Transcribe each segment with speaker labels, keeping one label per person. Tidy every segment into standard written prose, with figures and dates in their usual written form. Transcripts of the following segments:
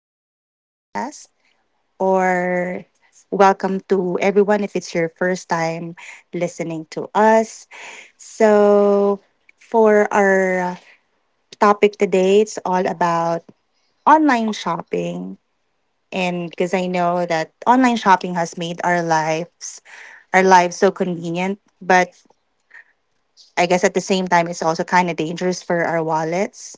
Speaker 1: to our podcast, or welcome to everyone if it's your first time listening to us. So, for our topic today, it's all about online shopping. And because I know that online shopping has made our lives so convenient, but I guess at the same time, it's also kind of dangerous for our wallets.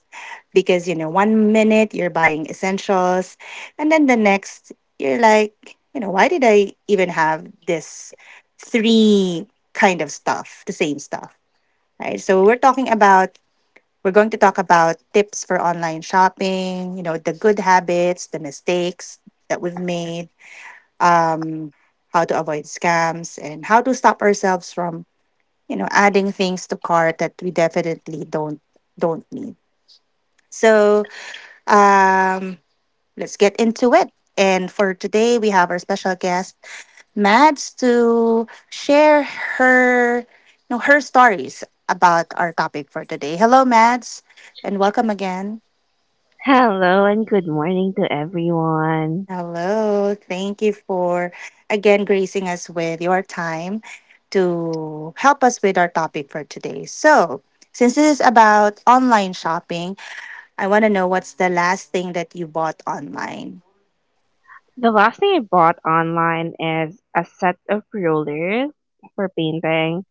Speaker 1: Because you know one minute you're buying essentials, and then the next you're like, you know, why did I even have this three kind of stuff, the same stuff, right? So we're going to talk about tips for online shopping, you know, the good habits, the mistakes that we've made, um how to avoid scams and how to stop ourselves from, you know, adding things to cart that we definitely don't need. So um let's get into it. And for today, we have our special guest, Mads, to share her, you know, her stories about our topic for today. Hello, Mads, and welcome again.
Speaker 2: Hello and good morning to everyone.
Speaker 1: Hello. Thank you for again gracing us with your time to help us with our topic for today. So, since this is about online shopping, I want to know what's the last thing that you bought online.
Speaker 2: The last thing I bought online is a set of rollers for painting.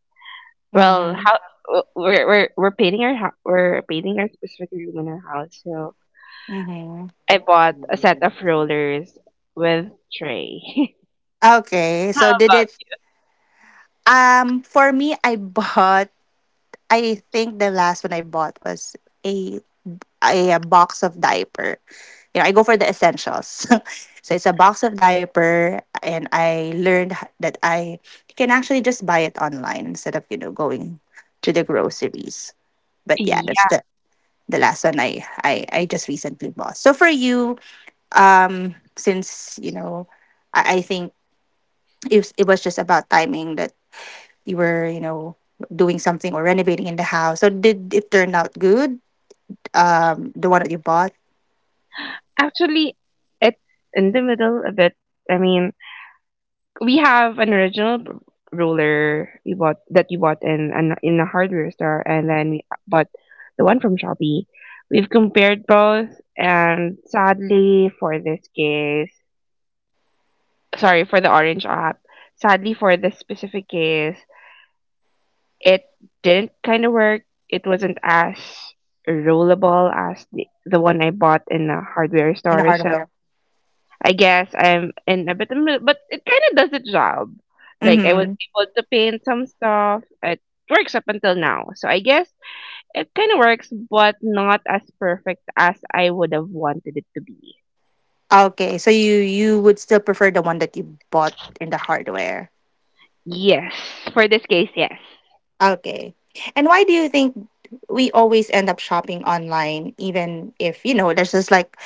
Speaker 2: Well,
Speaker 1: Mm-hmm.
Speaker 2: how we're painting our we're painting our specific room in our house, so
Speaker 1: Mm-hmm.
Speaker 2: I bought a set of rollers with tray.
Speaker 1: Okay,
Speaker 2: How
Speaker 1: so did
Speaker 2: about
Speaker 1: it for me, I bought. I think the last one I bought was a a box of diaper. You know, I go for the essentials. So it's a box of diaper, and I learned that I can actually just buy it online instead of, you know, going to the groceries. But yeah, that's
Speaker 2: you?
Speaker 1: the last one I just recently bought. So for you, since you know, I think it was just about timing that you were, you know, doing something or renovating in the house. So did it turn out good, the one that you bought
Speaker 2: Yeah, actually, it's in the middle a bit. I mean, we have an original roller we bought in an in a hardware store, and then we bought the one from Shopee. We've compared both, and sadly for this case, sorry for the orange app, sadly for this specific case, it didn't kind of work. It wasn't as rollable as the one I bought in a hardware
Speaker 1: in the
Speaker 2: store, so
Speaker 1: hardware?
Speaker 2: I guess I'm in a bit of middle, but it kind of does the job. Like I was
Speaker 1: Mm-hmm.
Speaker 2: able to paint some stuff. It works up until now. So I guess it kind of works, but not as perfect as I would have wanted it to be.
Speaker 1: Okay, so you would still prefer the one that you bought in the hardware.
Speaker 2: Yes, for this case, yes.
Speaker 1: Okay, and why do you think we always end up shopping online even if, you know, there's just like,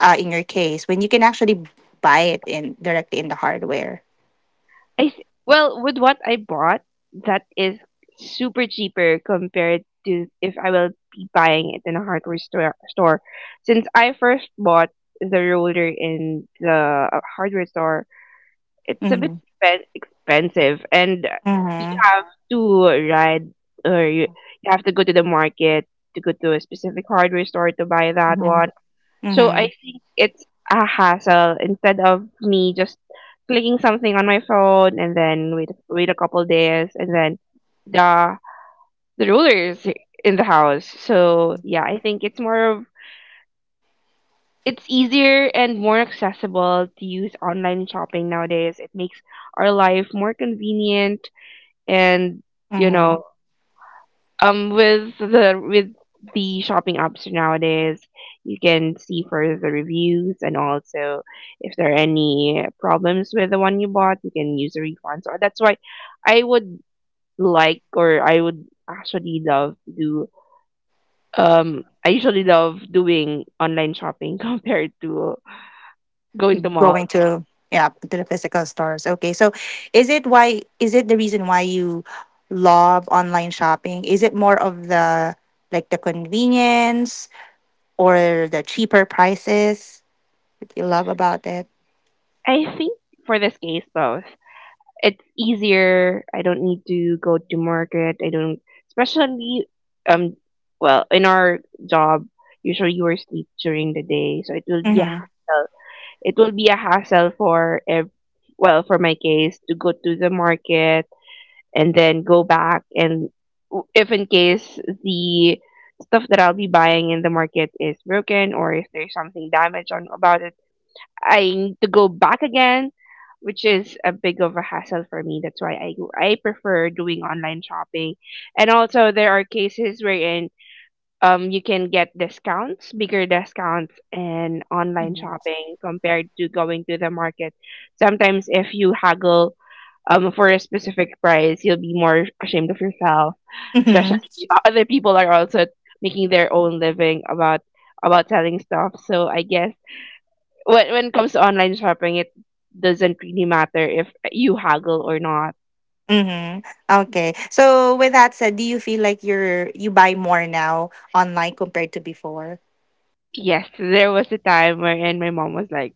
Speaker 1: in your case, when you can actually buy it in directly in the hardware.
Speaker 2: I s- well, with what I bought, that is super cheaper compared to if I will be buying it in a hardware store. Since I first bought the roller in the hardware store, it's a bit
Speaker 1: Mm-hmm.
Speaker 2: expensive, and you
Speaker 1: Mm-hmm.
Speaker 2: have to ride, or you have to go to the market to go to a specific hardware store to buy that
Speaker 1: Mm-hmm.
Speaker 2: one. So I
Speaker 1: Mm-hmm.
Speaker 2: think it's a hassle, instead of me just clicking something on my phone and then wait a couple days, and then the the ruler is in the house. So yeah, I think it's more of, it's easier and more accessible to use online shopping nowadays. It makes our life more convenient and, you
Speaker 1: Mm-hmm.
Speaker 2: know, with the shopping apps nowadays, you can see first the reviews, and also if there are any problems with the one you bought, you can use the refunds. Or that's why I would like, or I would actually love to do, I usually love doing online shopping compared to going to
Speaker 1: Going
Speaker 2: malls.
Speaker 1: to, yeah, to the physical stores. Okay, so is it why is it the reason why you love online shopping? Is it more of the like the convenience or the cheaper prices that you love about it?
Speaker 2: I think for this case, both. It's easier. I don't need to go to market. I don't, especially, um, well, in our job, usually you are sleep during the day, so it will be a
Speaker 1: Mm-hmm.
Speaker 2: hassle. It will be a hassle for well, for my case, to go to the market and then go back, and if in case the stuff that I'll be buying in the market is broken or if there's something damaged on about it, I need to go back again, which is a big of a hassle for me. That's why I prefer doing online shopping. And also there are cases wherein you can get discounts, bigger discounts in online
Speaker 1: Mm-hmm.
Speaker 2: shopping compared to going to the market. Sometimes if you haggle for a specific price, you'll be more ashamed of yourself.
Speaker 1: Mm-hmm.
Speaker 2: Especially other people are also making their own living about selling stuff. So I guess when it comes to online shopping, it doesn't really matter if you haggle or not.
Speaker 1: Mm-hmm. Okay. So with that said, do you feel like you're you buy more now online compared to before?
Speaker 2: Yes, there was a time wherein my mom was like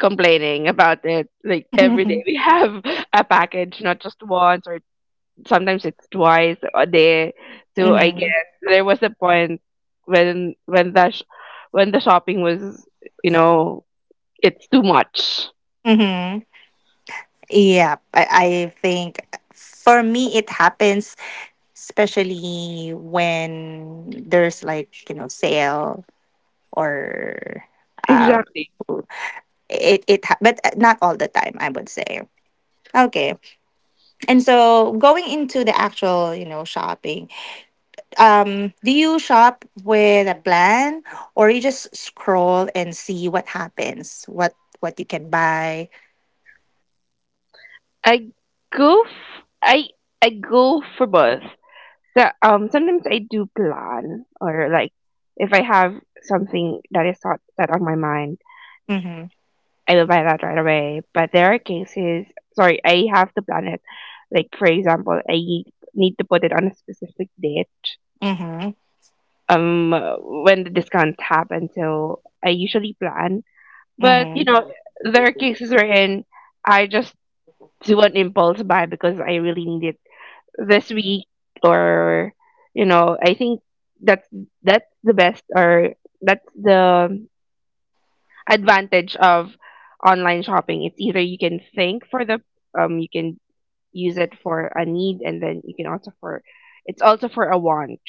Speaker 2: complaining about it. Like every day we have a package, not just once, or sometimes it's twice a day. So I guess
Speaker 1: Mm-hmm.
Speaker 2: there was a point when when the shopping was, you know, it's too much.
Speaker 1: Mm-hmm. Yeah. I think for me it happens especially when there's like, you know, sale or uh
Speaker 2: Exactly.
Speaker 1: it it ha- but not all the time, I would say. Okay, and so going into the actual, you know, shopping, do you shop with a plan or you just scroll and see what happens, what you can buy?
Speaker 2: I go f- I go for both. So sometimes I do plan, or like if I have something that is thought set on my mind,
Speaker 1: Mm-hmm.
Speaker 2: I will buy that right away. But there are cases, sorry, I have to plan it. Like for example, I need to put it on a specific date.
Speaker 1: Mm-hmm.
Speaker 2: Um when the discounts happen. So I usually plan. But
Speaker 1: Mm-hmm.
Speaker 2: you know, there are cases wherein I just do an impulse buy because I really need it this week, or you know, I think that's that's the best, or that's the advantage of online shopping. It's either you can think for the, you can use it for a need, and then you can also for, it's also for a want.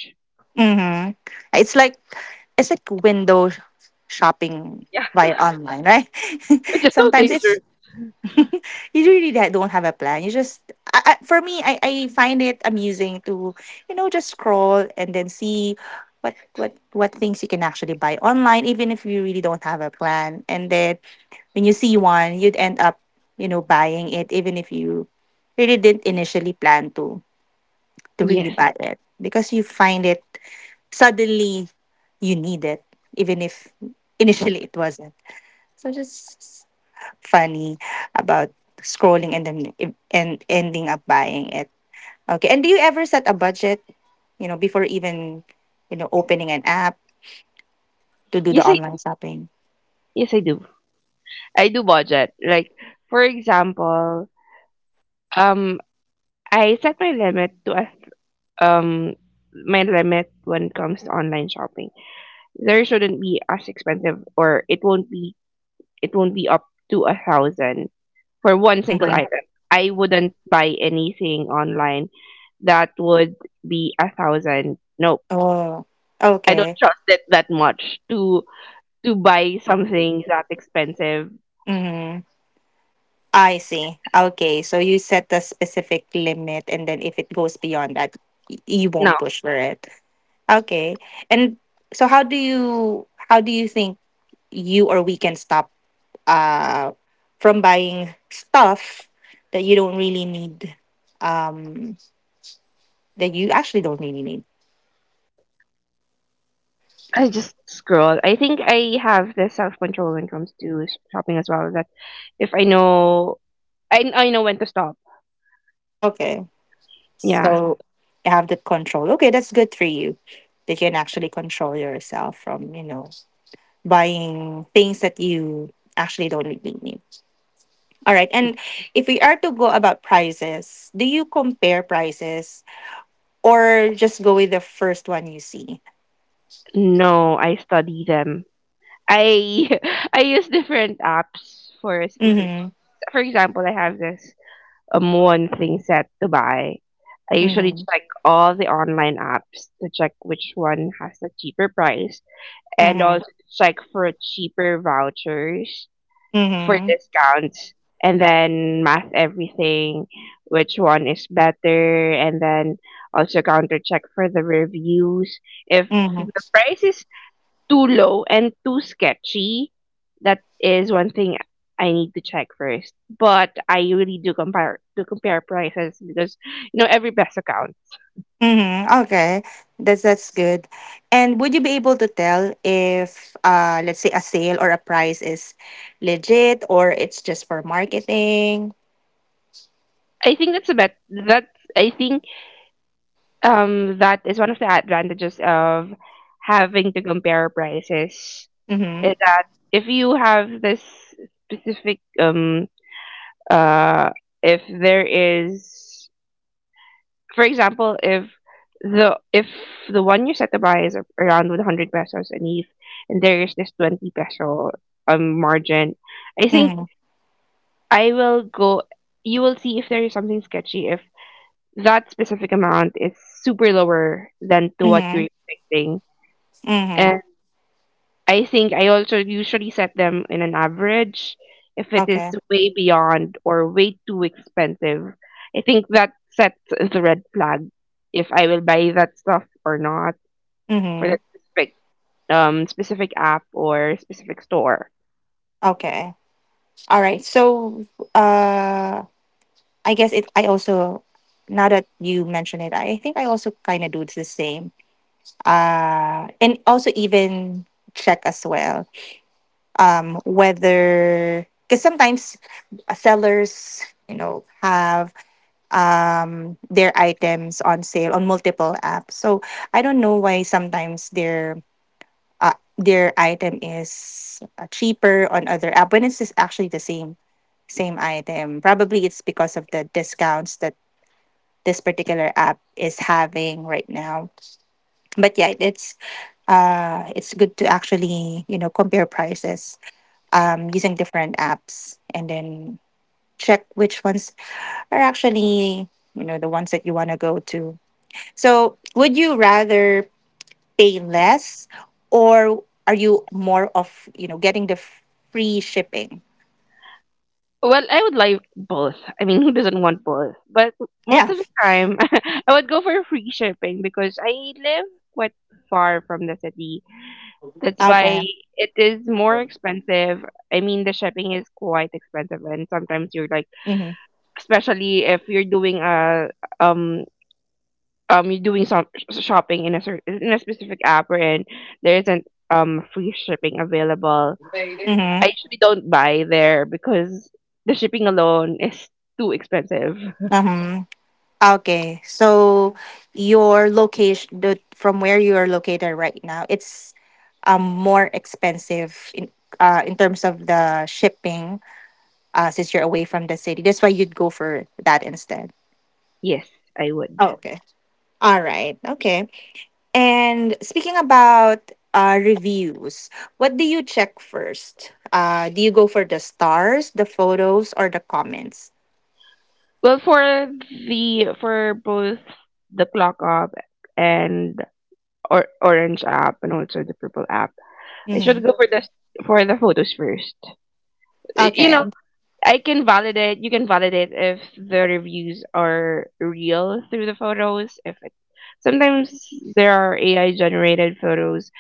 Speaker 1: Hmm. It's like it's like shopping
Speaker 2: Yeah,
Speaker 1: via online, right?
Speaker 2: which is so
Speaker 1: Sometimes it's
Speaker 2: dangerous.
Speaker 1: you don't have a plan. You just for me, I find it amusing to, you know, just scroll and then see what things you can actually buy online, even if you really don't have a plan. And then when you see one, you'd end up, you know, buying it, even if you really didn't initially plan to really
Speaker 2: Yes.
Speaker 1: buy it, because you find it suddenly you need it, even if initially it wasn't. So just funny about scrolling and then and ending up buying it. Okay. And do you ever set a budget, you know, before even, you know, opening an app to do the
Speaker 2: yes i
Speaker 1: online shopping?
Speaker 2: yes i do i do budget. Like for example, um I set my limit to a, um my limit when it comes to online shopping, there shouldn't be as expensive, or it won't be, it won't be up to a thousand for one single
Speaker 1: Mm-hmm.
Speaker 2: item. I wouldn't buy anything online that would be a thousand. No,
Speaker 1: Oh,
Speaker 2: I don't
Speaker 1: okay.
Speaker 2: trust it that much to buy something that expensive.
Speaker 1: Mm-hmm. I see. Okay. So you set a specific limit, and then if it goes beyond that, you
Speaker 2: No,
Speaker 1: won't push for it. Okay. And so how do you think you or we can stop uh from buying stuff that you don't really need, um that you actually don't really need.
Speaker 2: I just scroll. I think I have the self control when it comes to shopping as well. That if I know, I know when to stop.
Speaker 1: Okay.
Speaker 2: Yeah,
Speaker 1: So you have the control. Okay, that's good for you. That you can actually control yourself from, you know, buying things that you actually don't really need. All right. And if we are to go about prices, do you compare prices or just go with the first one you see.
Speaker 2: no, I study them. I I use different apps for a specific.
Speaker 1: Mhm.
Speaker 2: For example, I have this one thing set to buy. I usually
Speaker 1: Mhm.
Speaker 2: check all the online apps to check which one has the cheaper price, and
Speaker 1: Mhm.
Speaker 2: also to check for cheaper vouchers for
Speaker 1: Mhm.
Speaker 2: discounts, and then math everything, which one is better, and then also counter check for the reviews if
Speaker 1: Mhm.
Speaker 2: the price is too low and too sketchy. That is one thing I need to check first. But I really do compare to compare prices because you know every best counts.
Speaker 1: Mhm. Okay. That's good. And would you be able to tell if, uh, let's say a sale or a price is legit, or it's just for marketing?
Speaker 2: I think that's a bet. That's, I think that is one of the advantages of having to compare prices
Speaker 1: Mhm.
Speaker 2: is that, if you have this specific uh if there is, for example, if the if the one you set to buy is around 100 pesos, and if, and there is this 20 peso margin, I think
Speaker 1: Mhm.
Speaker 2: I will go. You will see if there is something sketchy if that specific amount is super lower than to what you're
Speaker 1: Mhm.
Speaker 2: expecting, and
Speaker 1: Mhm.
Speaker 2: I think I also usually set them in an average. If it is
Speaker 1: Okay.
Speaker 2: way beyond or way too expensive, I think that sets the red flag if I will buy that stuff or not for
Speaker 1: Mhm.
Speaker 2: that specific specific app or specific store.
Speaker 1: Okay. All right. So, uh I guess it I also, now that you mention it, I think I also kind of do the same, and also even check as well, whether because sometimes sellers, you know, have, their items on sale on multiple apps. So I don't know why sometimes their item is, cheaper on other app when it's just actually the same same item. Probably it's because of the discounts that this particular app is having right now. But yeah, it's good to actually, you know, compare prices, using different apps and then check which ones are actually, you know, the ones that you want to go to. So would you rather pay less, or are you more of, you know, getting the free shipping?
Speaker 2: Well, I would like both. I mean, who doesn't want both? But most
Speaker 1: Yeah.
Speaker 2: of the time, I would go for free shipping because I live quite far from the city. That's
Speaker 1: Okay.
Speaker 2: why it is more expensive. I mean, the shipping is quite expensive, and sometimes you're like,
Speaker 1: Mm-hmm.
Speaker 2: especially if you're doing a um you're doing some shopping in a in a specific app and there isn't free shipping available. I
Speaker 1: Mm-hmm.
Speaker 2: usually don't buy there because the shipping alone is too expensive.
Speaker 1: Mm-hmm. Okay, so your location, the from where you are located right now, it's more expensive in terms of the shipping, since you're away from the city. That's why you'd go for that instead.
Speaker 2: Yes, I would.
Speaker 1: Oh, okay. All right. Okay. And speaking about, uh, reviews, what do you check first? Do you go for the stars, the photos, or the comments?
Speaker 2: Well, for the, for both the clock app and or orange app and also the purple app, I should
Speaker 1: Mm-hmm.
Speaker 2: go for the, for the photos first. You
Speaker 1: Okay.
Speaker 2: know, I can validate. You can validate if the reviews are real through the photos. If it, sometimes there are AI generated photos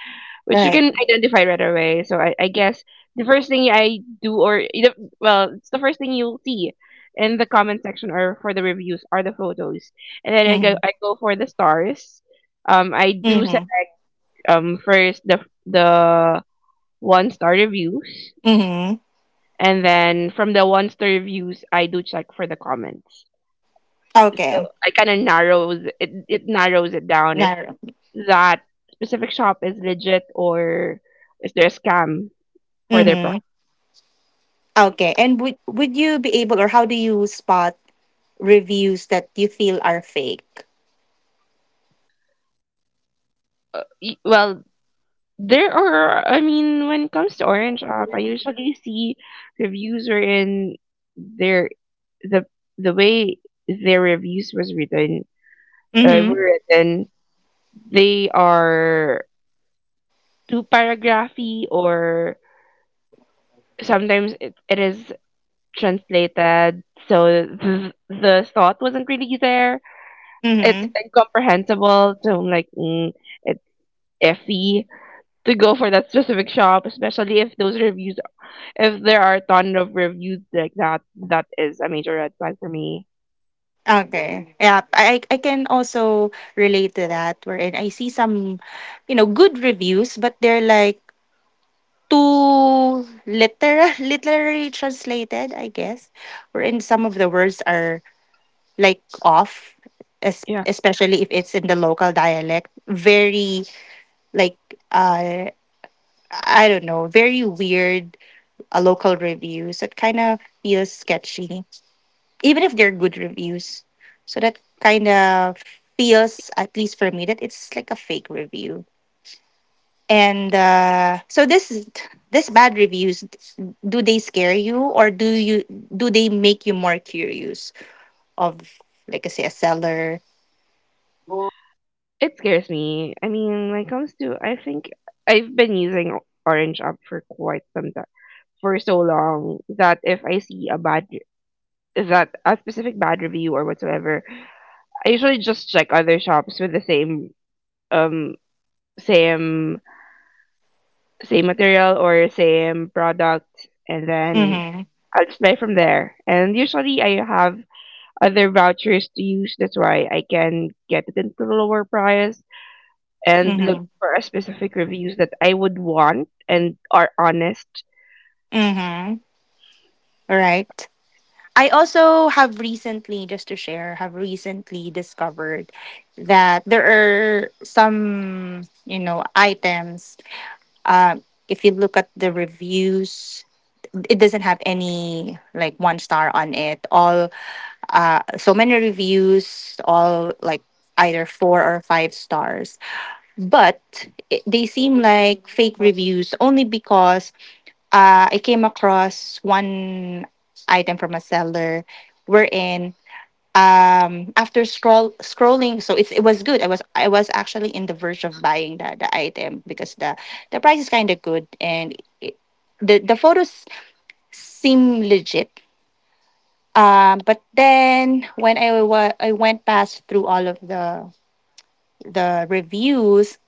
Speaker 2: which you
Speaker 1: Right.
Speaker 2: can identify right away. So I guess the first thing I do, or well, it's the first thing you'll see in the comment section or for the reviews are the photos, and then
Speaker 1: Mm-hmm.
Speaker 2: I go for the stars. I do set
Speaker 1: Mm-hmm.
Speaker 2: first the one star reviews.
Speaker 1: Mm-hmm.
Speaker 2: And then from the one star reviews, I do check for the comments. So
Speaker 1: Okay.
Speaker 2: I kind of narrows it. It narrows it down if
Speaker 1: Narrow.
Speaker 2: that specific shop is legit, or is there a scam for their
Speaker 1: Mm-hmm.
Speaker 2: product.
Speaker 1: Okay. And would you be able or how do you spot reviews that you feel are fake?
Speaker 2: Well, there are. I mean, when it comes to Orange Shop, I usually see reviews wherein their the the way their reviews was written,
Speaker 1: Mm-hmm.
Speaker 2: were written. They are too paragraphy, or sometimes it is translated, so the thought wasn't really there, it's
Speaker 1: Mm-hmm.
Speaker 2: incomprehensible, so I'm like, mm, it's iffy to go for that specific shop, especially if those reviews, if there are a ton of reviews like that, that is a major red flag for me.
Speaker 1: Okay. Yeah. I can also relate to that wherein I see some, you know, good reviews, but they're like too literal literally translated, I guess. Wherein some of the words are like off.
Speaker 2: Yeah,
Speaker 1: Especially if it's in the local dialect, very like, uh I don't know, very weird, local reviews that kind of feels sketchy, even if they're good reviews. So that kind of feels, at least for me, that it's like a fake review. And, so this bad reviews, do they scare you, or do they make you more curious of like, I say, a seller?
Speaker 2: it scares me. I mean, when it comes to, I think I've been using orange app for quite some time, for so long, that if I see a bad, that a specific bad review or whatsoever, I usually just check other shops with the same um same same material or same product, and then
Speaker 1: Mm-hmm.
Speaker 2: I'll just buy from there. And usually I have other vouchers to use. That's why I can get it into a lower price and look
Speaker 1: Mm-hmm.
Speaker 2: for a specific reviews that I would want and are honest.
Speaker 1: Mm-hmm. Right. I also have recently, just to share, have recently discovered that there are some, you know, items. Uh, if you look at the reviews, it doesn't have any like one star on it. All, so many reviews, all like either four or five stars. But it, they seem like fake reviews only because, I came across one item from a seller wherein, after scrolling. So it's, it was good. I was I was actually in the verge of buying the item because the price is kind of good and it, the photos seem legit, but then when I went past through all of the reviews,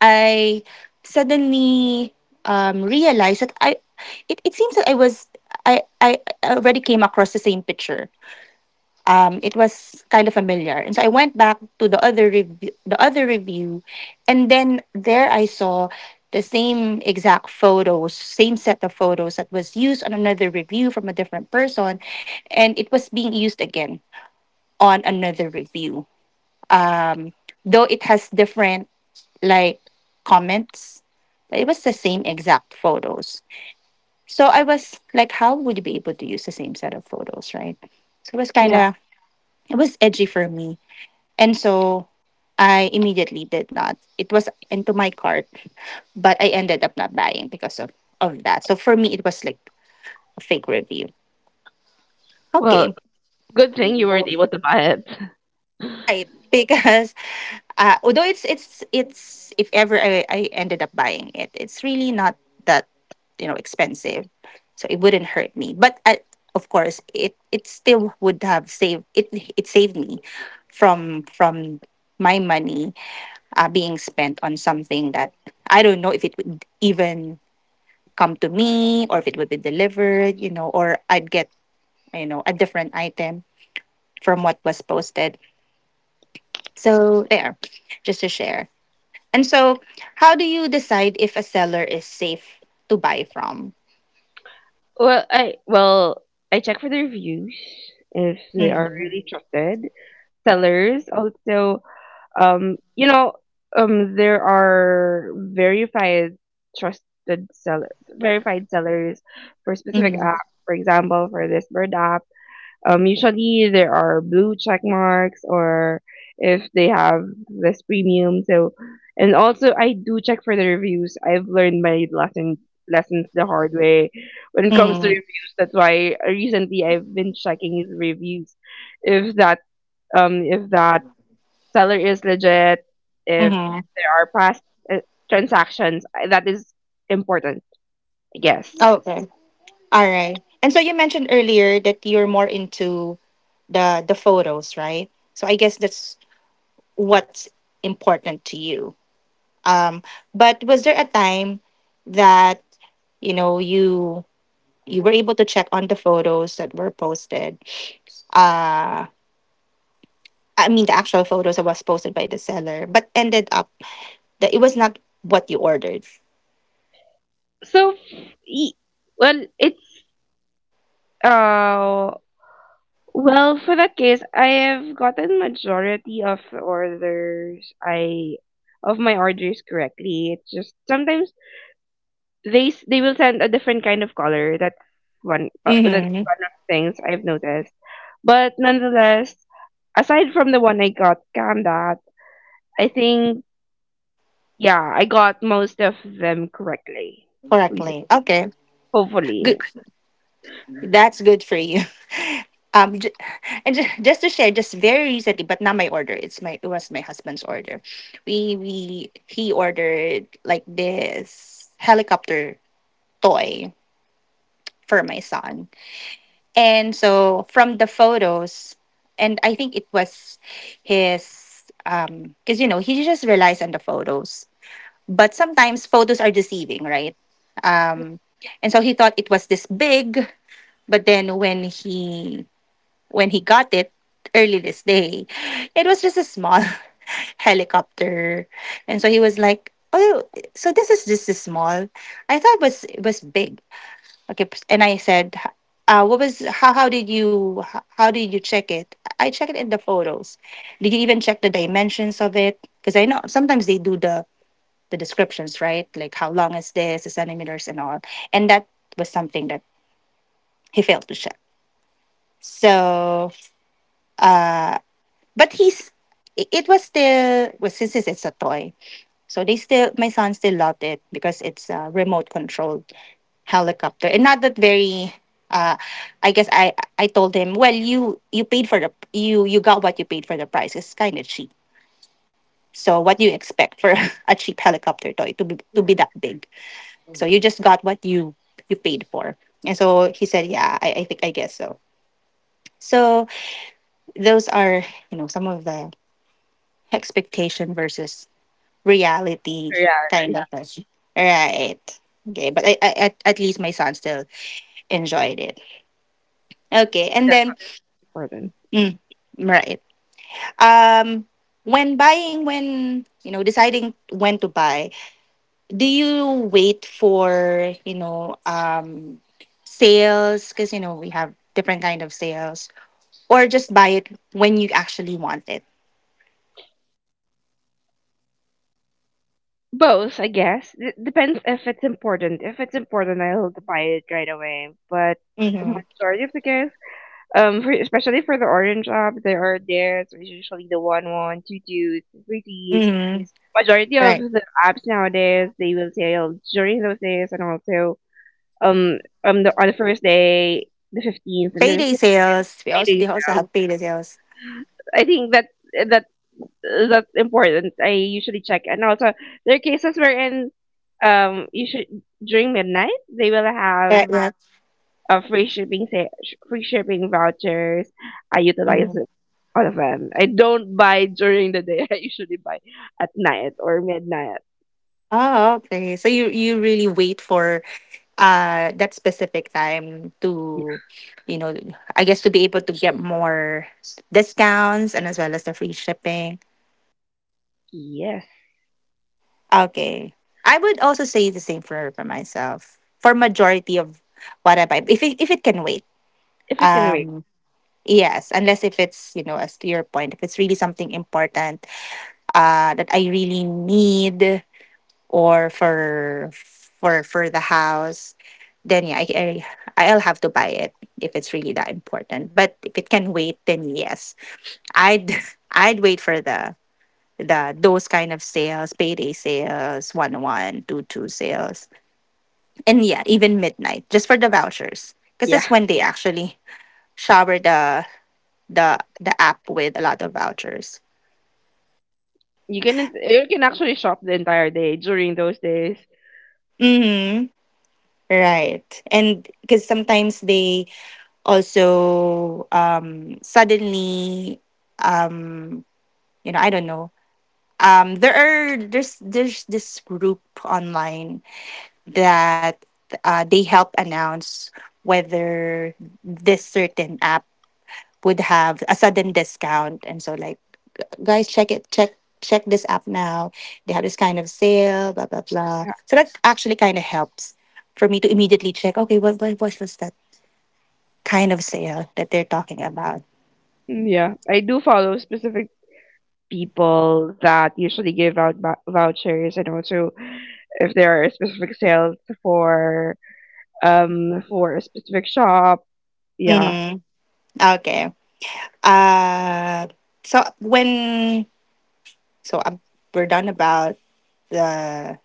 Speaker 1: I suddenly, realized that I it, it seems that I already came across the same picture, it was kind of familiar. And so I went back to the other review, and then there I saw the same exact photos, same set of photos that was used on another review from a different person, and it was being used again on another review. Um, though it has different like comments, but it was the same exact photos. So I was like, how would you be able to use the same set of photos, right? So it was kind
Speaker 2: Yeah.
Speaker 1: of it was edgy for me, and so I immediately did not. It was into my cart, but I ended up not buying because of that. So for me, it was like a fake review.
Speaker 2: Well,
Speaker 1: Okay,
Speaker 2: good thing you weren't able to buy it.
Speaker 1: right. Because, although it's if ever I ended up buying it, it's really not that, you know, expensive, so it wouldn't hurt me. But I, of course, it still would have saved it. It saved me from my money, being spent on something that I don't know if it would even come to me, or if it would be delivered, you know, or I'd get, you know, a different item from what was posted. So there, just to share. And so, how do you decide if a seller is safe to buy from?
Speaker 2: Well, I check for the reviews if they are
Speaker 1: Mm-hmm.
Speaker 2: really trusted. Sellers also, um, you know, there are verified trusted seller, verified sellers for specific
Speaker 1: Mm-hmm.
Speaker 2: apps. For example, for this bird app, usually there are blue check marks, or if they have this premium. So, and also I do check for the reviews. I've learned my lessons the hard way when it comes to
Speaker 1: Mm-hmm.
Speaker 2: reviews. That's why recently I've been checking the reviews. If that if that seller is legit, if
Speaker 1: Mm-hmm.
Speaker 2: there are past uh, transactions, that is important, I guess.
Speaker 1: Okay. All right. And so you mentioned earlier that you're more into the photos, right? So I guess that's what's important to you Um, but was there a time that you know you you were able to check on the photos that were posted? Uh, I mean the actual photos that was posted by the seller, but ended up that it was not what you ordered.
Speaker 2: So, y- well, it's uh, well for that case, I have gotten majority of my orders correctly. It's just sometimes they will send a different kind of color. That's one uh, that's
Speaker 1: Mm-hmm.
Speaker 2: one of the things I've noticed. But nonetheless, aside from the one I got scammed at, I think. Yeah, I got most of them correctly
Speaker 1: Correctly.
Speaker 2: recently.
Speaker 1: Okay. Good.
Speaker 2: Hopefully.
Speaker 1: That's good for you. Um, j- and just to share, just very recently, but not my order. It's my it was my husband's order. We he ordered like this helicopter toy for my son. And so from the photos, and I think it was because he just relies on the photos. But sometimes photos are deceiving, right? Um, and so he thought it was this big, but then when he got it early this day, it was just a small helicopter, and so he was like, "Oh, so this is just a small." I thought it was big. And I said, "What was how? How did you how did you check it? I check it in the photos. Did you even check the dimensions of it? Because I know sometimes they do the descriptions, right? Like how long is this, the centimeters, and all. And that was something that he failed to check. So, uh, but he's it was still well, since it's a toy, so they still my son still loved it because it's remote controlled helicopter and not that very uh I guess I told him, well, you paid for the you you got what you paid for. The price, it's kind of cheap, so what do you expect for a cheap helicopter toy to be, to be that big? So you just got what you paid for. And so he said, "I think I guess so." So those are some of the expectation versus reality
Speaker 2: Yeah,
Speaker 1: kind of thing. Right. Okay, but I at least my son still enjoyed it. Okay, and
Speaker 2: that's
Speaker 1: then
Speaker 2: important.
Speaker 1: mm, right. Um, when buying, when, deciding when to buy, do you wait for sales? Because you know we have different kind of sales, or just buy it when you actually want it?
Speaker 2: Both, I guess. Depends if it's important. If it's important, I'll buy it right away. But
Speaker 1: Mm-hmm.
Speaker 2: majority of the case, especially for the orange up, there are there. So it's usually the one one, two twos, three threes.
Speaker 1: Mm-hmm.
Speaker 2: Majority of
Speaker 1: Right.
Speaker 2: the apps nowadays they will sell during those days and also um the on the first day, the 15th, and then the
Speaker 1: Payday
Speaker 2: sixth
Speaker 1: sales. We
Speaker 2: day they
Speaker 1: also they also
Speaker 2: sell.
Speaker 1: have payday sales.
Speaker 2: I think that that's important. I usually check, and also there are cases wherein you should, during midnight, they will have
Speaker 1: Right. Right.
Speaker 2: a free shipping vouchers. I utilize
Speaker 1: Mm-hmm.
Speaker 2: it, all of them. I don't buy during the day. I usually buy at night or midnight.
Speaker 1: Oh, okay. So you really wait for that specific time to, you know I guess, to be able to get more discounts and as well as the free shipping.
Speaker 2: Yes,
Speaker 1: Okay, I would also say the same for myself, for majority of what I buy, if it can wait.
Speaker 2: if it can wait.
Speaker 1: um yes, unless if it's, you know, as to your point, if it's really something important, that I really need, or for the house, then yeah, I, I'll have to buy it if it's really that important. But if it can wait, then yes, I'd I'd wait for the those kind of sales, payday sales, 1.1 2.2 sales, and yeah, even midnight just for the vouchers, because
Speaker 2: Yeah,
Speaker 1: that's when they actually shower the app with a lot of vouchers.
Speaker 2: you can actually shop the entire day during those days.
Speaker 1: Hmm. Right. And because sometimes they also suddenly, um you know I don't know there are, there's this group online that, they help announce whether this certain app would have a sudden discount. And so like, "Guys, check it, check this app now, they have this kind of sale, blah blah blah."
Speaker 2: Yeah.
Speaker 1: So that actually kind of helps for me to immediately check, okay, what what was that kind of sale that they're talking about.
Speaker 2: Mm, yeah. I do follow specific people that usually give out vouchers, and also if there are specific sales for for a specific shop, yeah.
Speaker 1: Mm-hmm. Okay. Uh, so when so, we're done about the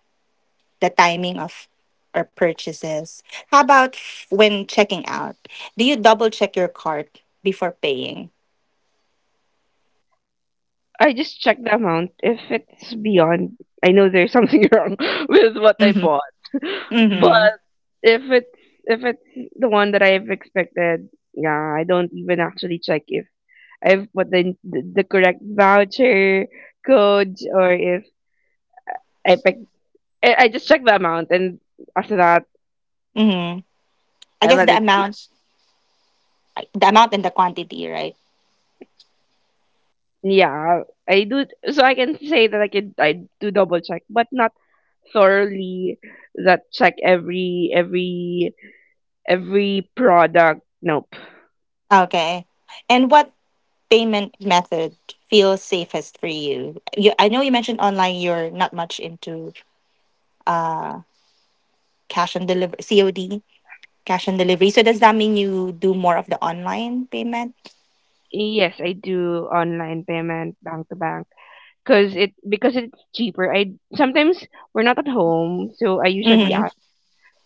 Speaker 1: the timing of our purchases. How about when checking out? Do you double check your cart before paying?
Speaker 2: I just check the amount. If it's beyond, I know there's something wrong with what I
Speaker 1: Mm-hmm.
Speaker 2: bought.
Speaker 1: Mm-hmm.
Speaker 2: But if it's, if it's the one that I've expected, yeah, I don't even actually check if I've put the correct voucher code, or if I pick I just check the amount, and after that,
Speaker 1: Mm-hmm. I
Speaker 2: I
Speaker 1: guess
Speaker 2: let it be.
Speaker 1: the amount and the quantity, right?
Speaker 2: Yeah, I do. So I can say that I do double check, but not thoroughly. That check every product. Nope.
Speaker 1: Okay. And what payment method feels safest for you? You, I know you mentioned online. You're not much into uh cash on delivery, COD. Cash on delivery. So does that mean you do more of the online payment?
Speaker 2: Yes, I do online payment, bank to bank, because it's cheaper. I, sometimes we're not at home, so I usually
Speaker 1: Mhm.
Speaker 2: ask,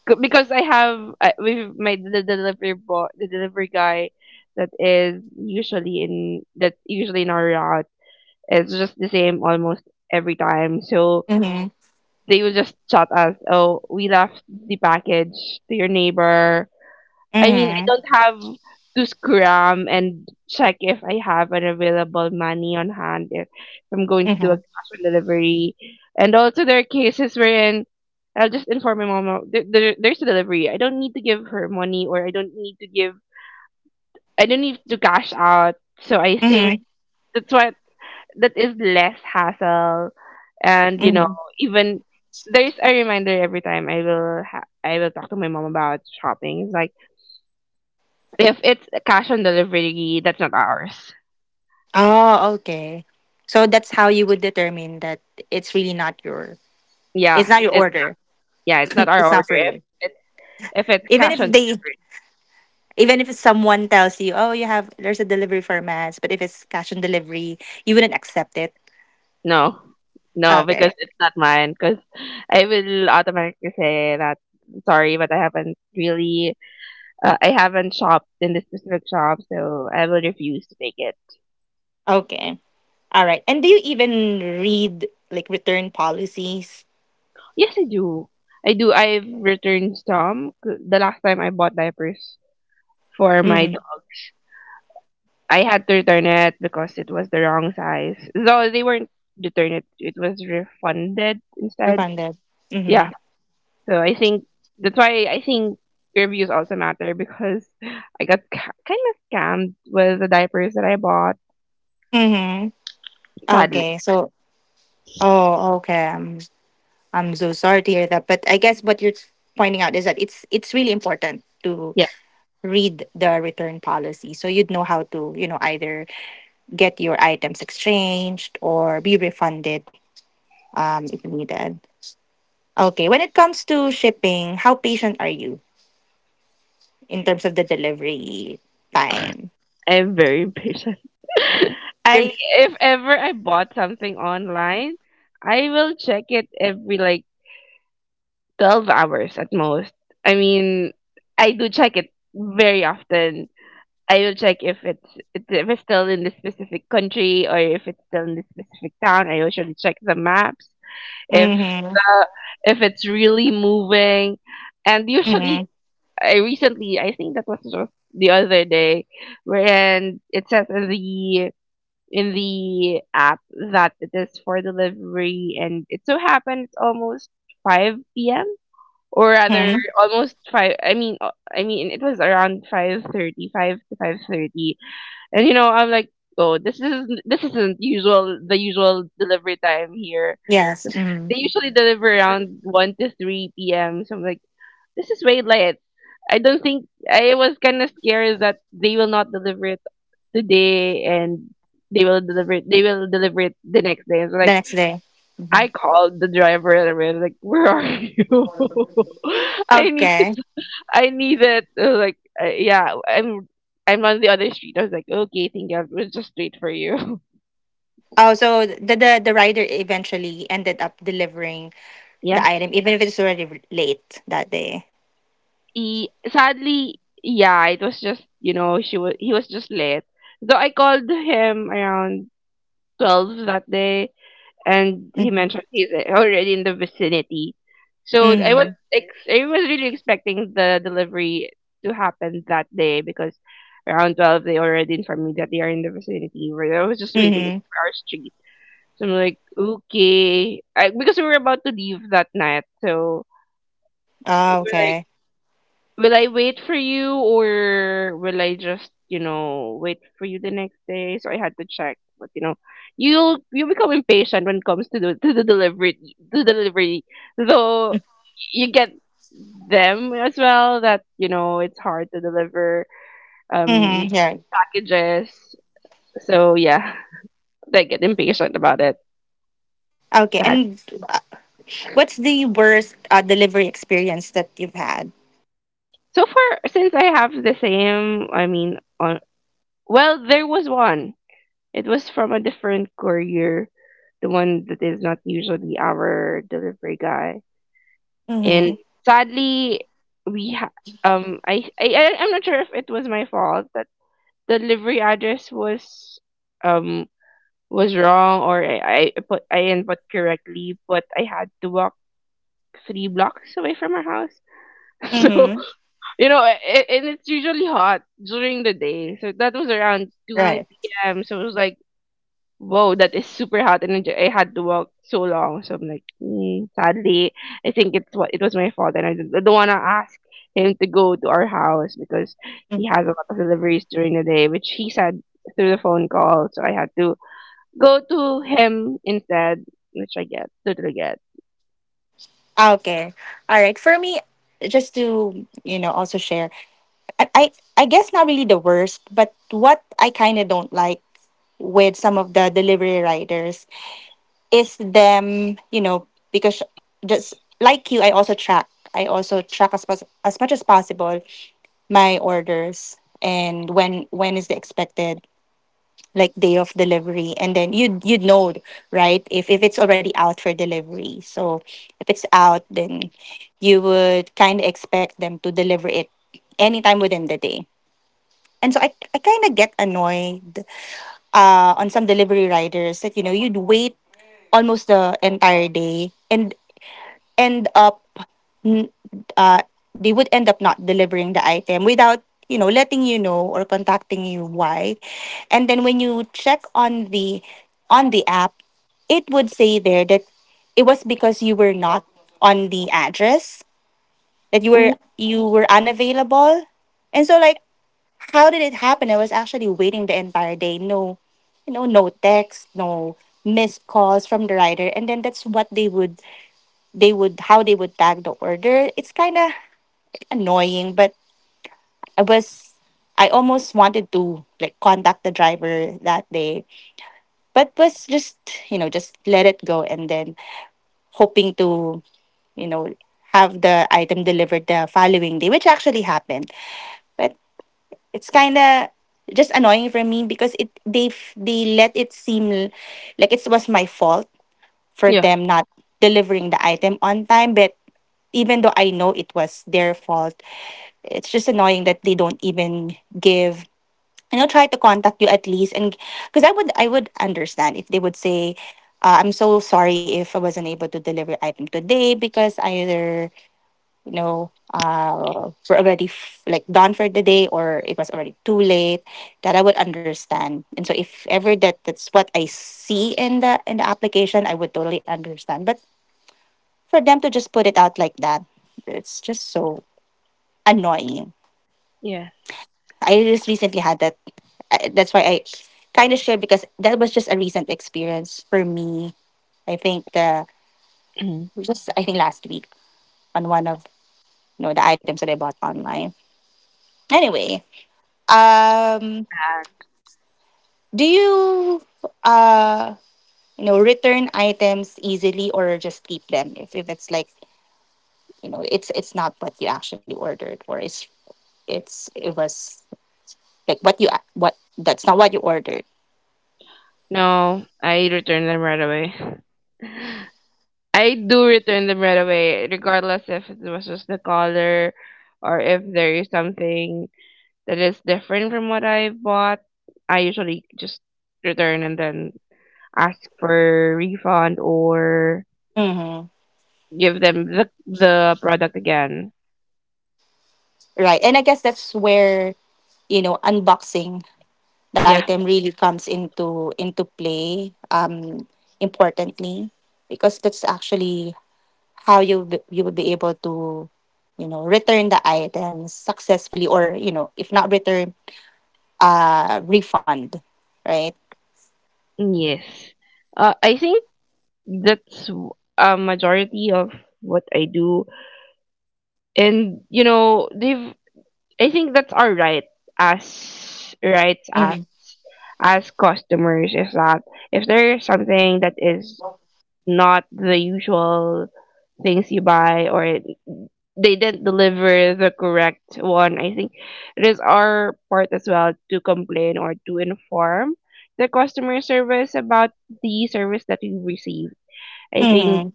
Speaker 2: because I have, with my the, the delivery guy that's usually in our. It's just the same almost every time. So
Speaker 1: Mhm.
Speaker 2: they will just chat us, "Oh, we left the package to your neighbor." I mean, I
Speaker 1: Mhm.
Speaker 2: don't have to scram and check if I have an available money on hand if I'm going to do a
Speaker 1: Mhm.
Speaker 2: cash on delivery. And also, there are cases wherein I'll just inform my mom, "Oh, there's a delivery. I don't need to give her money, or I don't need to cash out." So I think
Speaker 1: Mhm.
Speaker 2: that's what that is less hassle, and you know,
Speaker 1: Mhm.
Speaker 2: even there's a reminder every time I will talk to my mom about shopping. It's like, if it's cash on delivery, that's not ours.
Speaker 1: Oh, okay. So that's how you would determine that it's really not your, it's
Speaker 2: yeah
Speaker 1: not your
Speaker 2: it's
Speaker 1: order.
Speaker 2: yeah, it's not our
Speaker 1: It's
Speaker 2: order,
Speaker 1: not for you.
Speaker 2: if it's
Speaker 1: Even if
Speaker 2: cash on
Speaker 1: they,
Speaker 2: delivery.
Speaker 1: even if someone tells you, "Oh, you have, there's a delivery for mass," but if it's cash on delivery, you wouldn't accept it.
Speaker 2: No, no, because
Speaker 1: Okay.
Speaker 2: it's not mine, because I will automatically say that, "Sorry, but I haven't really, I haven't shopped in this specific shop," so I will refuse to take it.
Speaker 1: Okay. All right. And do you even read like return policies?
Speaker 2: Yes, I do. I do. I've returned some. The last time I bought diapers for my
Speaker 1: Mhm.
Speaker 2: dogs, I had to return it because it was the wrong size. So they weren't, returned it. It was refunded instead.
Speaker 1: Refunded.
Speaker 2: Yeah.
Speaker 1: Mhm.
Speaker 2: So I think that's why I think reviews also matter, because I got kind of scammed with the diapers that I bought.
Speaker 1: Mhm.
Speaker 2: Sadly.
Speaker 1: Okay, so, oh, okay. I'm so sorry to hear that, but I guess what you're pointing out is that it's really important to
Speaker 2: Yeah.
Speaker 1: read the return policy, so you'd know how to, you know, either get your items exchanged or be refunded if needed. Okay, when it comes to shipping, how patient are you in terms of the delivery time?
Speaker 2: I'm very impatient.
Speaker 1: You're
Speaker 2: I If ever I bought something online, I will check it every like 12 hours at most. I mean, I do check it very often. I will check if if it's still in the specific country, or if it's still in the specific town. I usually check the maps if,
Speaker 1: mm-hmm,
Speaker 2: uh, if it's really moving. And usually,
Speaker 1: mm-hmm,
Speaker 2: I recently, I think that was just the other day, wherein it says in the app that it is for delivery, and it so happened it's almost 5 p.m, or rather
Speaker 1: mm-hmm.
Speaker 2: almost five, I mean it was around 5:30, 5 to 5:30. And you know, I'm like, "Oh, this is, this isn't usual, the usual delivery time here.
Speaker 1: Yes, mm-hmm.
Speaker 2: They usually deliver around 1 to 3 p.m." So I'm like, "This is way late." I don't think, I was kind of scared that they will not deliver it today, and they will deliver it the next day. So
Speaker 1: The
Speaker 2: like,
Speaker 1: next day. Hmm.
Speaker 2: I called the driver, and I was like, "Where are you? I need,
Speaker 1: Okay.
Speaker 2: I need it." Like, "Yeah, I'm on the other street." I was like, "Okay, thank you, we'll just wait for you."
Speaker 1: Oh, so the, the rider eventually ended up delivering the
Speaker 2: Yeah.
Speaker 1: item, even if it's already late that day.
Speaker 2: He, sadly, yeah, it was just, you know, she was he was just late. Though I called him around 12 that day, and he
Speaker 1: Mm-hmm.
Speaker 2: mentioned he's already in the vicinity. So I was
Speaker 1: Mm-hmm.
Speaker 2: I was really expecting the delivery to happen that day, because around 12 they already informed me that they are in the vicinity. Where I was just waiting
Speaker 1: Mm-hmm.
Speaker 2: for our street. So I'm like, okay, because we were about to leave that night. So we
Speaker 1: Oh,
Speaker 2: were
Speaker 1: okay.
Speaker 2: like, "Will I wait for you, or will I just, wait for you the next day?" So I had to check. But you know, you become impatient when it comes to the delivery. Though you get them as well that, it's hard to deliver um
Speaker 1: Mm-hmm. Yeah.
Speaker 2: packages. So yeah, they get impatient about it.
Speaker 1: Okay.
Speaker 2: Sad.
Speaker 1: And uh, what's the worst delivery experience that you've had?
Speaker 2: So far, since I have the same, I mean, on, well, there was one. It was from a different courier, the one that is not usually our delivery guy. And
Speaker 1: Mm-hmm.
Speaker 2: sadly, we ha- I- I'm not sure if it was my fault that the delivery address was, um was wrong, or I put, I input correctly, but I had to walk three blocks away from our house. So
Speaker 1: Mm-hmm.
Speaker 2: you know, and it's usually hot during the day. So that was around
Speaker 1: Right.
Speaker 2: 2 p.m. So it was like, whoa, that is super hot. And I had to walk so long. So I'm like, mm, sadly, I think it's what, it was my fault. And I don't want to ask him to go to our house, because
Speaker 1: Mm.
Speaker 2: he has a lot of deliveries during the day, which he said through the phone call. So I had to go to him instead, which I get, totally get.
Speaker 1: Okay. All right. For me, just to, you know, also share, I I, I guess not really the worst, but what I kind of don't like with some of the delivery riders is them, you know, because just like you, I also track as, as much as possible my orders, and when is the expected like day of delivery. And then you'd, you'd know, right, if it's already out for delivery. So if it's out, then you would kind of expect them to deliver it anytime within the day. And so I kind of get annoyed, on some delivery riders that, you know, you'd wait almost the entire day and end up n- uh, they would end up not delivering the item without, you know, letting you know or contacting you why. And then when you check on the app, it would say there that it was because you were not on the address, that you
Speaker 2: Mhm.
Speaker 1: were, you were unavailable. And so like, how did it happen? I was actually waiting the entire day. No, you know, no text, no missed calls from the rider, and then that's what they would how they would tag the order. It's kind of annoying, but I was, I almost wanted to like contact the driver that day, but was just, you know, just let it go, and then hoping to, you know, have the item delivered the following day, which actually happened. But, it's kind of just annoying for me because it they they let it seem like it was my fault for
Speaker 2: Yeah.
Speaker 1: them not delivering the item on time. But even though I know it was their fault, it's just annoying that they don't even give, you know, try to contact you at least. And because I would understand if they would say, "I'm so sorry if I wasn't able to deliver item today," because either, were already like done for the day, or it was already too late, that I would understand. And so if ever that that's what I see in the application, I would totally understand. But for them to just put it out like that, it's just so annoying.
Speaker 2: Yeah.
Speaker 1: I just recently had that. That's why I kind of shared, because that was just a recent experience for me. I think the I think last week, on one of, you know, the items that I bought online. Anyway, um do you uh you know return items easily, or just keep them if it's like, you know, it's not what you actually ordered, or it's it was like what that's not what you ordered.
Speaker 2: No, I returned them right away. I do return them right away, regardless if it was just the color, or if there is something that is different from what I bought. I usually just return and then ask for refund, or
Speaker 1: Mm-hmm.
Speaker 2: give them the product again.
Speaker 1: Right. And I guess that's where, you know, unboxing the
Speaker 2: Yeah.
Speaker 1: item really comes into play importantly, because that's actually how you would be able to, you know, return the items successfully, or you know, if not return, refund, right.
Speaker 2: Yes. I think that's w- a majority of what I do, and you know, they've. I think that's our right, as right
Speaker 1: Mm-hmm.
Speaker 2: as customers, is that if there is something that is not the usual things you buy, they didn't deliver the correct one, I think it is our part as well to complain or to inform the customer service about the service that we received. I think
Speaker 1: Mm-hmm.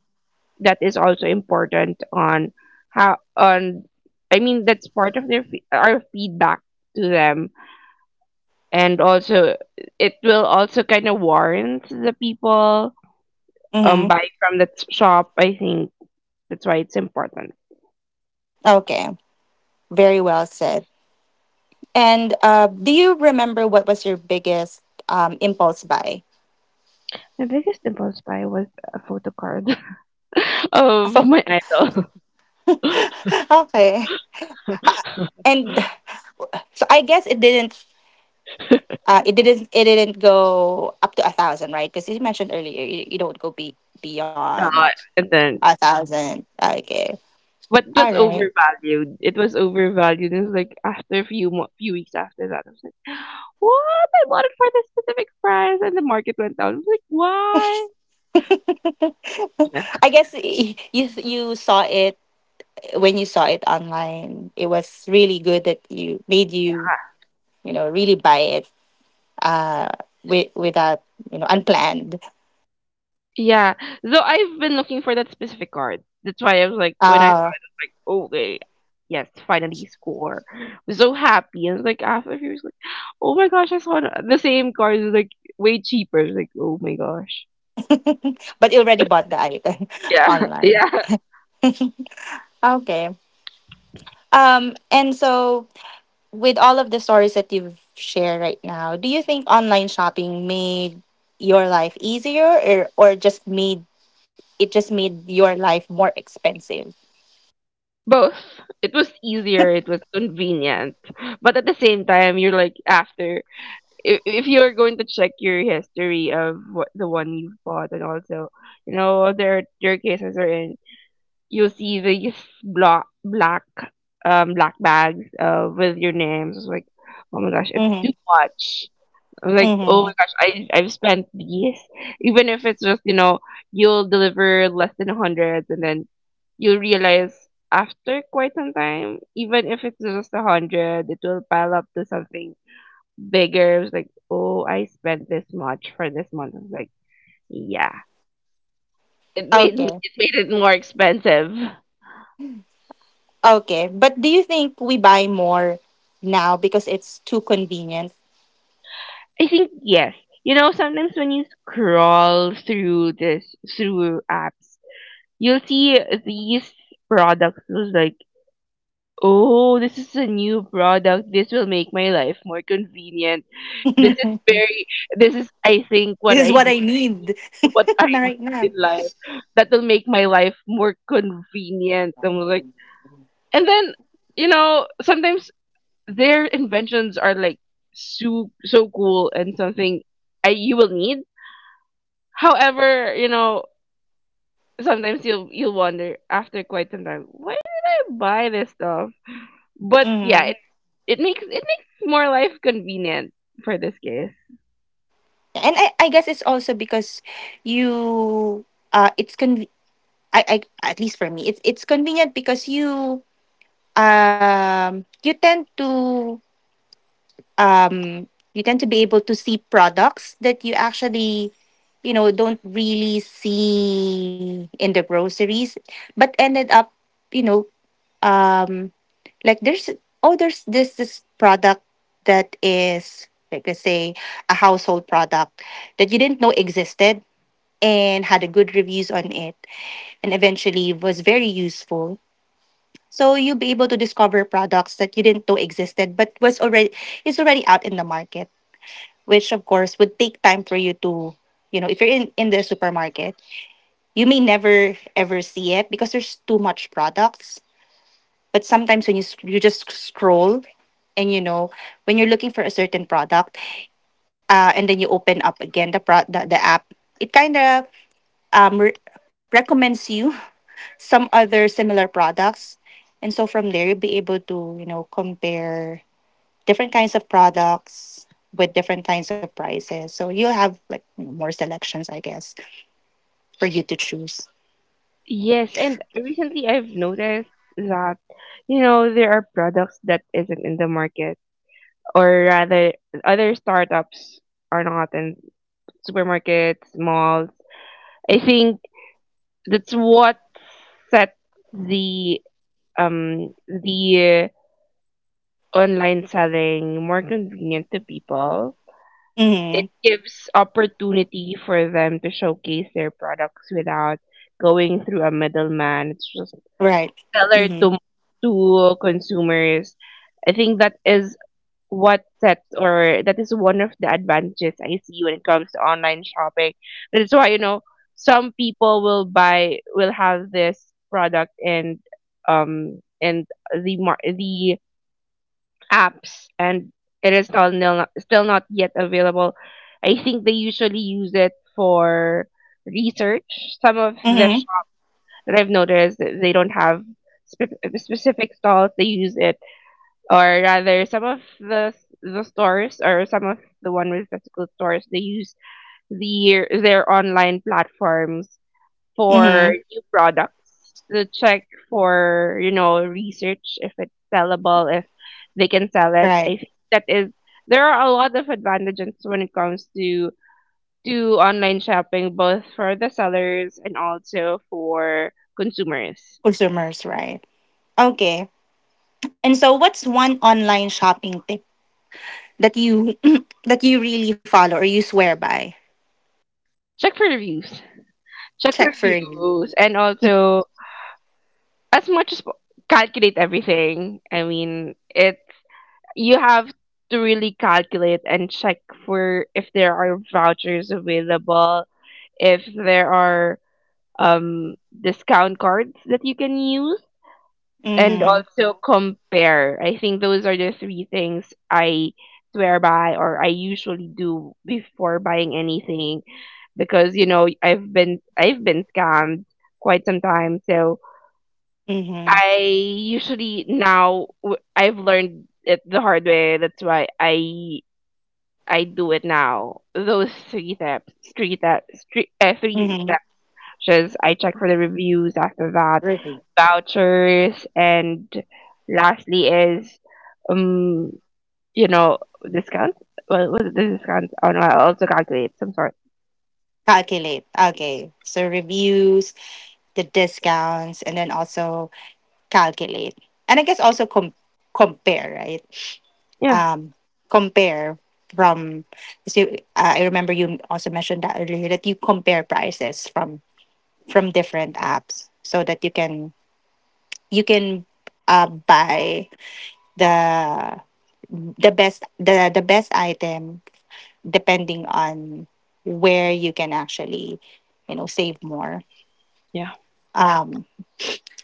Speaker 2: that is also important on how on I mean, that's part of their our feedback to them, and also it will also kind of warrant the people
Speaker 1: Mm-hmm.
Speaker 2: buying from that shop. I think that's why it's important.
Speaker 1: Okay, very well said. And do you remember what was your biggest impulse buy?
Speaker 2: My biggest impulse buy was a photo card of
Speaker 1: So
Speaker 2: my idol.
Speaker 1: okay. Ha- and so I guess it didn't, it didn't, it didn't go up to a thousand, right? Because you mentioned earlier you, you don't go be beyond
Speaker 2: Uh, and then
Speaker 1: a thousand. Okay.
Speaker 2: but it
Speaker 1: All
Speaker 2: was
Speaker 1: right.
Speaker 2: overvalued. It was overvalued. It was like after a few weeks after that, I was like, "What? I bought it for this specific price," and the market went down. I was like, "Why?" Yeah.
Speaker 1: I guess you you saw it when you saw it online. It was really good that you made you you know really buy it uh with without unplanned.
Speaker 2: Yeah. So I've been looking for that specific card. That's why I was like, when I saw it,
Speaker 1: uh
Speaker 2: I was like, okay, yes, finally score. I'm so happy. And like after a few years, like, oh my gosh, I saw the same card is like way cheaper. It's like, oh my gosh.
Speaker 1: but you already bought the item
Speaker 2: Yeah,
Speaker 1: online.
Speaker 2: yeah.
Speaker 1: Okay. And so with all of the stories that you've shared right now, do you think online shopping made your life easier, or just made it, just made your life more expensive?
Speaker 2: Both. It was easier. It was convenient. But at the same time, you're like after, if you're going to check your history of what the one you bought, and also you know, there are cases wherein you'll see these black black black bags, with your names. It's like, oh my gosh, it's
Speaker 1: Mm-hmm.
Speaker 2: too much. I'm like, oh
Speaker 1: Mm-hmm.
Speaker 2: my gosh, I've spent these. Even if it's just, you know, you'll deliver less than 100, and then you'll realize, after quite some time, even if it's just 100, it will pile up to something bigger. It's like, oh, I spent this much for this month. It's like, yeah. It made me,
Speaker 1: Okay.
Speaker 2: it made it more expensive.
Speaker 1: Okay. But do you think we buy more now because it's too convenient?
Speaker 2: I think yes. You know, sometimes when you scroll through this through apps, you'll see these products, was like, "Oh, this is a new product. This will make my life more convenient. This is
Speaker 1: This
Speaker 2: very, this is, I think,
Speaker 1: is what I need
Speaker 2: what I
Speaker 1: na
Speaker 2: need
Speaker 1: right
Speaker 2: in
Speaker 1: now.
Speaker 2: life. That will make my life more convenient." I'm like, and then, you know, sometimes their inventions are like so so cool, and something you will need. However, you know, sometimes you'll wonder after quite some time, why did I buy this stuff? But yeah,
Speaker 1: Mm-hmm.
Speaker 2: it makes more life convenient for this case.
Speaker 1: And I guess it's also because you it's con I at least for me it's convenient because you um you tend to um, you tend to be able to see products that you actually don't really see in the groceries but ended up you know um like there's, oh, there's this product that is, like let's say, a household product that you didn't know existed and had a good reviews on it and eventually was very useful. So you'll be able to discover products that you didn't know existed but was already, is already out in the market, which of course would take time for you to, if you're in the supermarket you may never ever see it because there's too much products. But sometimes when you just scroll and when you're looking for a certain product, and then you open up again the app, it kind of um, re- recommends you some other similar products. And so from there you'll be able to, compare different kinds of products with different kinds of prices. So you'll have like more selections, I guess, for you to choose.
Speaker 2: Yes, and recently I've noticed that you know there are products that isn't in the market, or rather, other startups are not in supermarkets, malls. I think that's what set the the online selling more convenient to people. It
Speaker 1: Mm-hmm.
Speaker 2: gives opportunity for them to showcase their products without going through a middleman. It's just
Speaker 1: Right.
Speaker 2: seller
Speaker 1: Mm-hmm.
Speaker 2: to consumers. I think that is what sets, or that is one of the advantages I see when it comes to online shopping. That's why, you know, some people will buy, will have this product, and the the apps, and it is still not yet available. I think they usually use it for research. Some of the
Speaker 1: Mm-hmm.
Speaker 2: shops that I've noticed, they don't have specific stalls. They use it, or rather, some of the stores, or some of the one with physical stores, they use their online platforms for
Speaker 1: Mm-hmm.
Speaker 2: new products, to check for, you know, research if it's sellable, if they can sell it.
Speaker 1: Right.
Speaker 2: I think that is, there are a lot of advantages when it comes to online shopping, both for the sellers and also for consumers.
Speaker 1: Consumers, right. Okay. And so what's one online shopping tip that you that you really follow or you swear by?
Speaker 2: Check for reviews. Check for
Speaker 1: Check for me.
Speaker 2: reviews, and also, as much as po- calculate everything. I mean, it you have to really calculate and check for, if there are vouchers available, if there are um discount cards that you can use, and
Speaker 1: Mm-hmm.
Speaker 2: also compare. I think those are the three things I swear by, or I usually do before buying anything, because you know, I've been scammed quite some time. So
Speaker 1: Mm-hmm.
Speaker 2: I usually now, I've learned it the hard way. That's why I do it now. Those three steps. Three steps.
Speaker 1: Mm-hmm.
Speaker 2: Just, I check for the reviews. After that,
Speaker 1: Really.
Speaker 2: vouchers, and lastly is, um, you know, discounts. Well, was it the discounts? Oh no, I also calculate some sort.
Speaker 1: Calculate. Okay. So reviews, the discounts, and then also calculate, and I guess also compare, right?
Speaker 2: Yeah,
Speaker 1: um Compare from, so I remember you also mentioned that earlier, that you compare prices from different apps so that you can, you can buy the the best item depending on where you can actually save more.
Speaker 2: yeah.
Speaker 1: um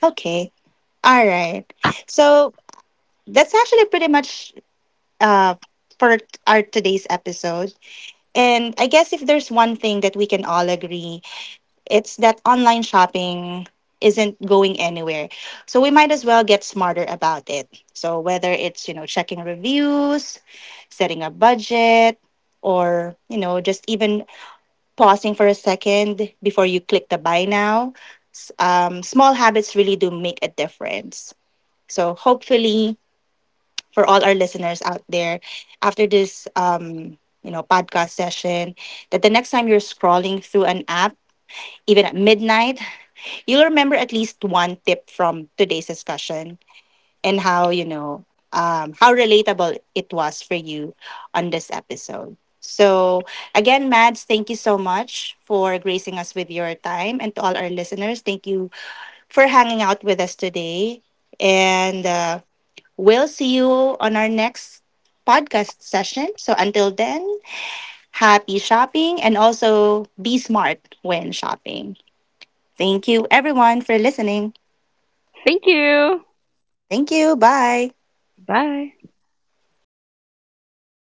Speaker 1: okay, all right. So that's actually pretty much, uh, our today's episode. And I guess if there's one thing that we can all agree, it's that online shopping isn't going anywhere. So we might as well get smarter about it. So whether it's, you know, checking reviews, setting a budget, or, you know, just even pausing for a second before you click the buy now, small habits really do make a difference. So hopefully, for all our listeners out there, after this podcast session, that the next time you're scrolling through an app, even at midnight, you'll remember at least one tip from today's discussion and how, how relatable it was for you on this episode. So again, Mads, thank you so much for gracing us with your time, and to all our listeners, thank you for hanging out with us today. And we'll see you on our next podcast session. So until then, happy shopping, and also be smart when shopping. Thank you everyone for listening.
Speaker 2: Thank you.
Speaker 1: Thank you. Bye.
Speaker 2: Bye.